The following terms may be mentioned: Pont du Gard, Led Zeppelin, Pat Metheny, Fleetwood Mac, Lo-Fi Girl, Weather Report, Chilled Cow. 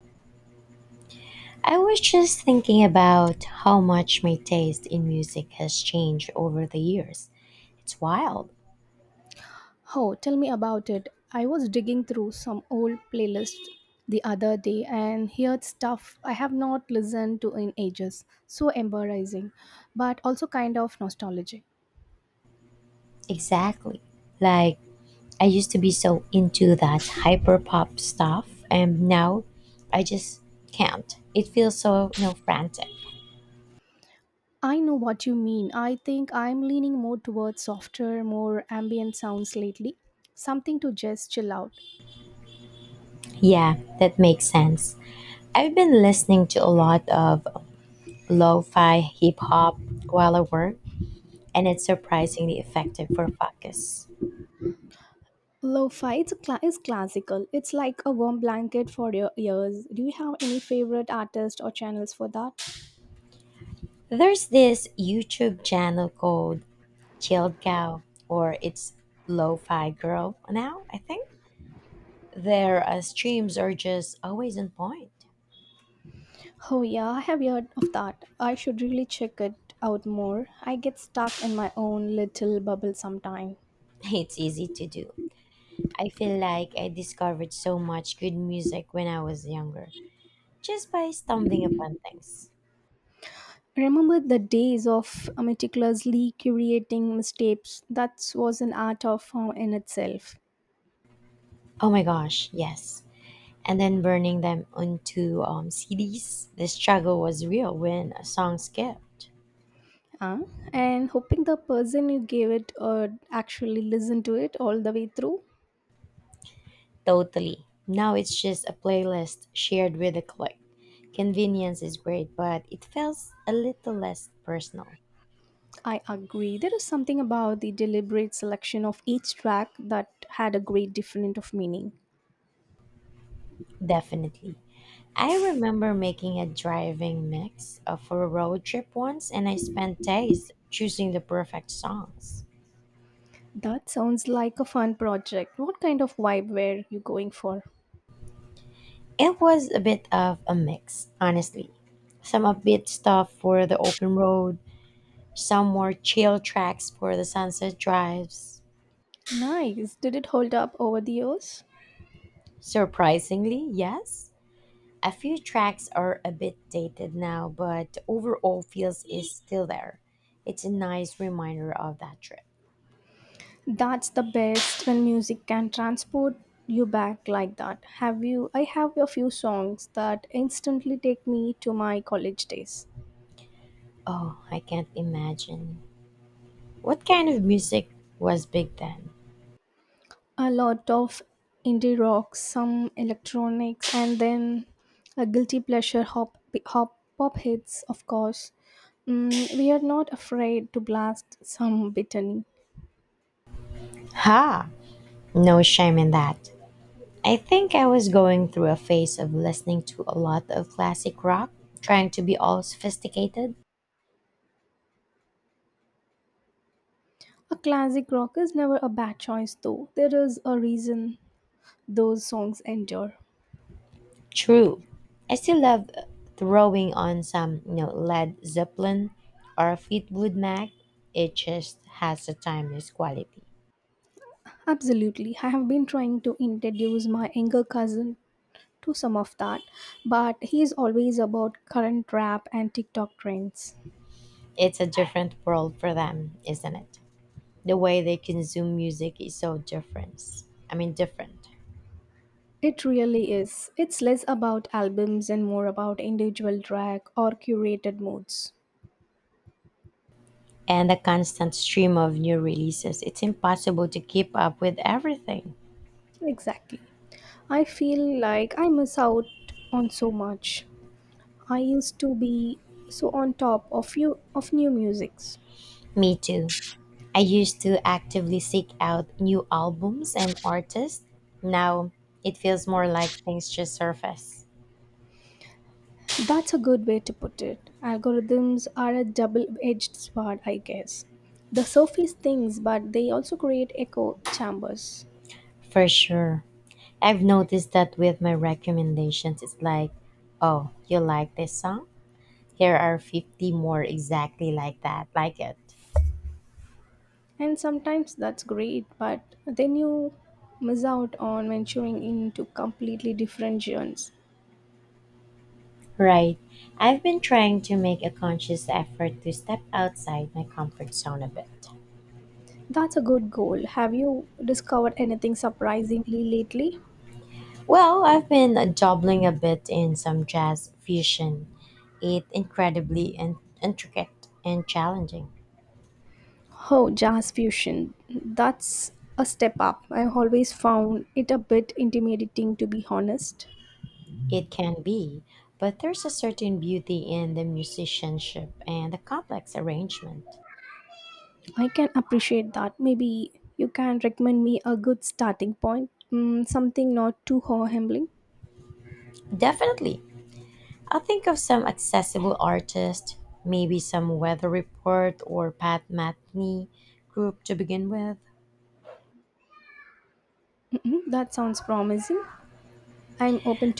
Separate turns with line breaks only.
I was just thinking about how much my taste in music has changed over the years. It's wild.
Oh, tell me about it. I was digging through some old playlists the other day and heard stuff I have not listened to in ages. So embarrassing, but also kind of nostalgic.
Exactly. Like, I used to be so into that hyper pop stuff, and now I just can't. It feels so, frantic.
I know what you mean. I think I'm leaning more towards softer, more ambient sounds lately. Something to just chill out.
Yeah, that makes sense. I've been listening to a lot of lo fi hip hop while I work, and it's surprisingly effective for focus.
Lo-fi is classical. It's like a warm blanket for your ears. Do you have any favorite artists or channels for that?
There's this YouTube channel called Chilled Cow, or it's Lo-Fi Girl now, I think. Their streams are just always on point.
Oh, yeah, I have heard of that. I should really check it out more. I get stuck in my own little bubble sometime.
It's easy to do. I feel like I discovered so much good music when I was younger, just by stumbling upon things.
Remember the days of meticulously curating mistakes? That was an art of form in itself.
Oh my gosh, yes. And then burning them onto CDs. The struggle was real when a song skipped.
Huh? And hoping the person you gave it actually listen to it all the way through.
Totally. Now it's just a playlist shared with a click. Convenience is great, but it feels a little less personal.
I agree. There is something about the deliberate selection of each track that had a great different of meaning.
Definitely. I remember making a driving mix for a road trip once, and I spent days choosing the perfect songs.
That sounds like a fun project. What kind of vibe were you going for?
It was a bit of a mix, honestly. Some upbeat stuff for the open road, some more chill tracks for the sunset drives.
Nice. Did it hold up over the years?
Surprisingly, yes. A few tracks are a bit dated now, but the overall feels is still there. It's a nice reminder of that trip.
That's the best when music can transport you back like that. Have you I have a few songs that instantly take me to my college days.
Oh, I can't imagine. What kind of music was big then?
A lot of indie rock, some electronics and then a guilty pleasure hop hop pop hits of course. Mm, we are not afraid to blast some bitterly.
Ha! No shame in that. I think I was going through a phase of listening to a lot of classic rock, trying to be all sophisticated.
A classic rock is never a bad choice, though. There is a reason those songs endure.
True. I still love throwing on some, Led Zeppelin or Fleetwood Mac. It just has a timeless quality.
Absolutely. I have been trying to introduce my younger cousin to some of that, but he is always about current rap and TikTok trends.
It's a different world for them, isn't it? The way they consume music is so different. I mean, different.
It really is. It's less about albums and more about individual track or curated moods.
And the constant stream of new releases. It's impossible to keep up with everything.
Exactly. I feel like I miss out on so much. I used to be so on top of you of new musics.
Me too. I used to actively seek out new albums and artists. Now it feels more like things just surface.
That's a good way to put it. Algorithms are a double edged sword, I guess. They surface things, but they also create echo chambers.
For sure. I've noticed that with my recommendations, it's like, oh, you like this song? Here are 50 more exactly like that, like it.
And sometimes that's great, but then you miss out on venturing into completely different genres.
Right. I've been trying to make a conscious effort to step outside my comfort zone a bit.
That's a good goal. Have you discovered anything surprisingly lately?
Well, I've been dabbling a bit in some jazz fusion. It's incredibly intricate and challenging.
Oh, jazz fusion. That's a step up. I always found it a bit intimidating, to be honest.
It can be, but there's a certain beauty in the musicianship and the complex arrangement.
I can appreciate that. Maybe you can recommend me a good starting point, mm, something not too humbling.
Definitely. I think of some accessible artist, maybe some weather report or Pat Metheny group to begin with.
Mm-mm, that sounds promising. I'm open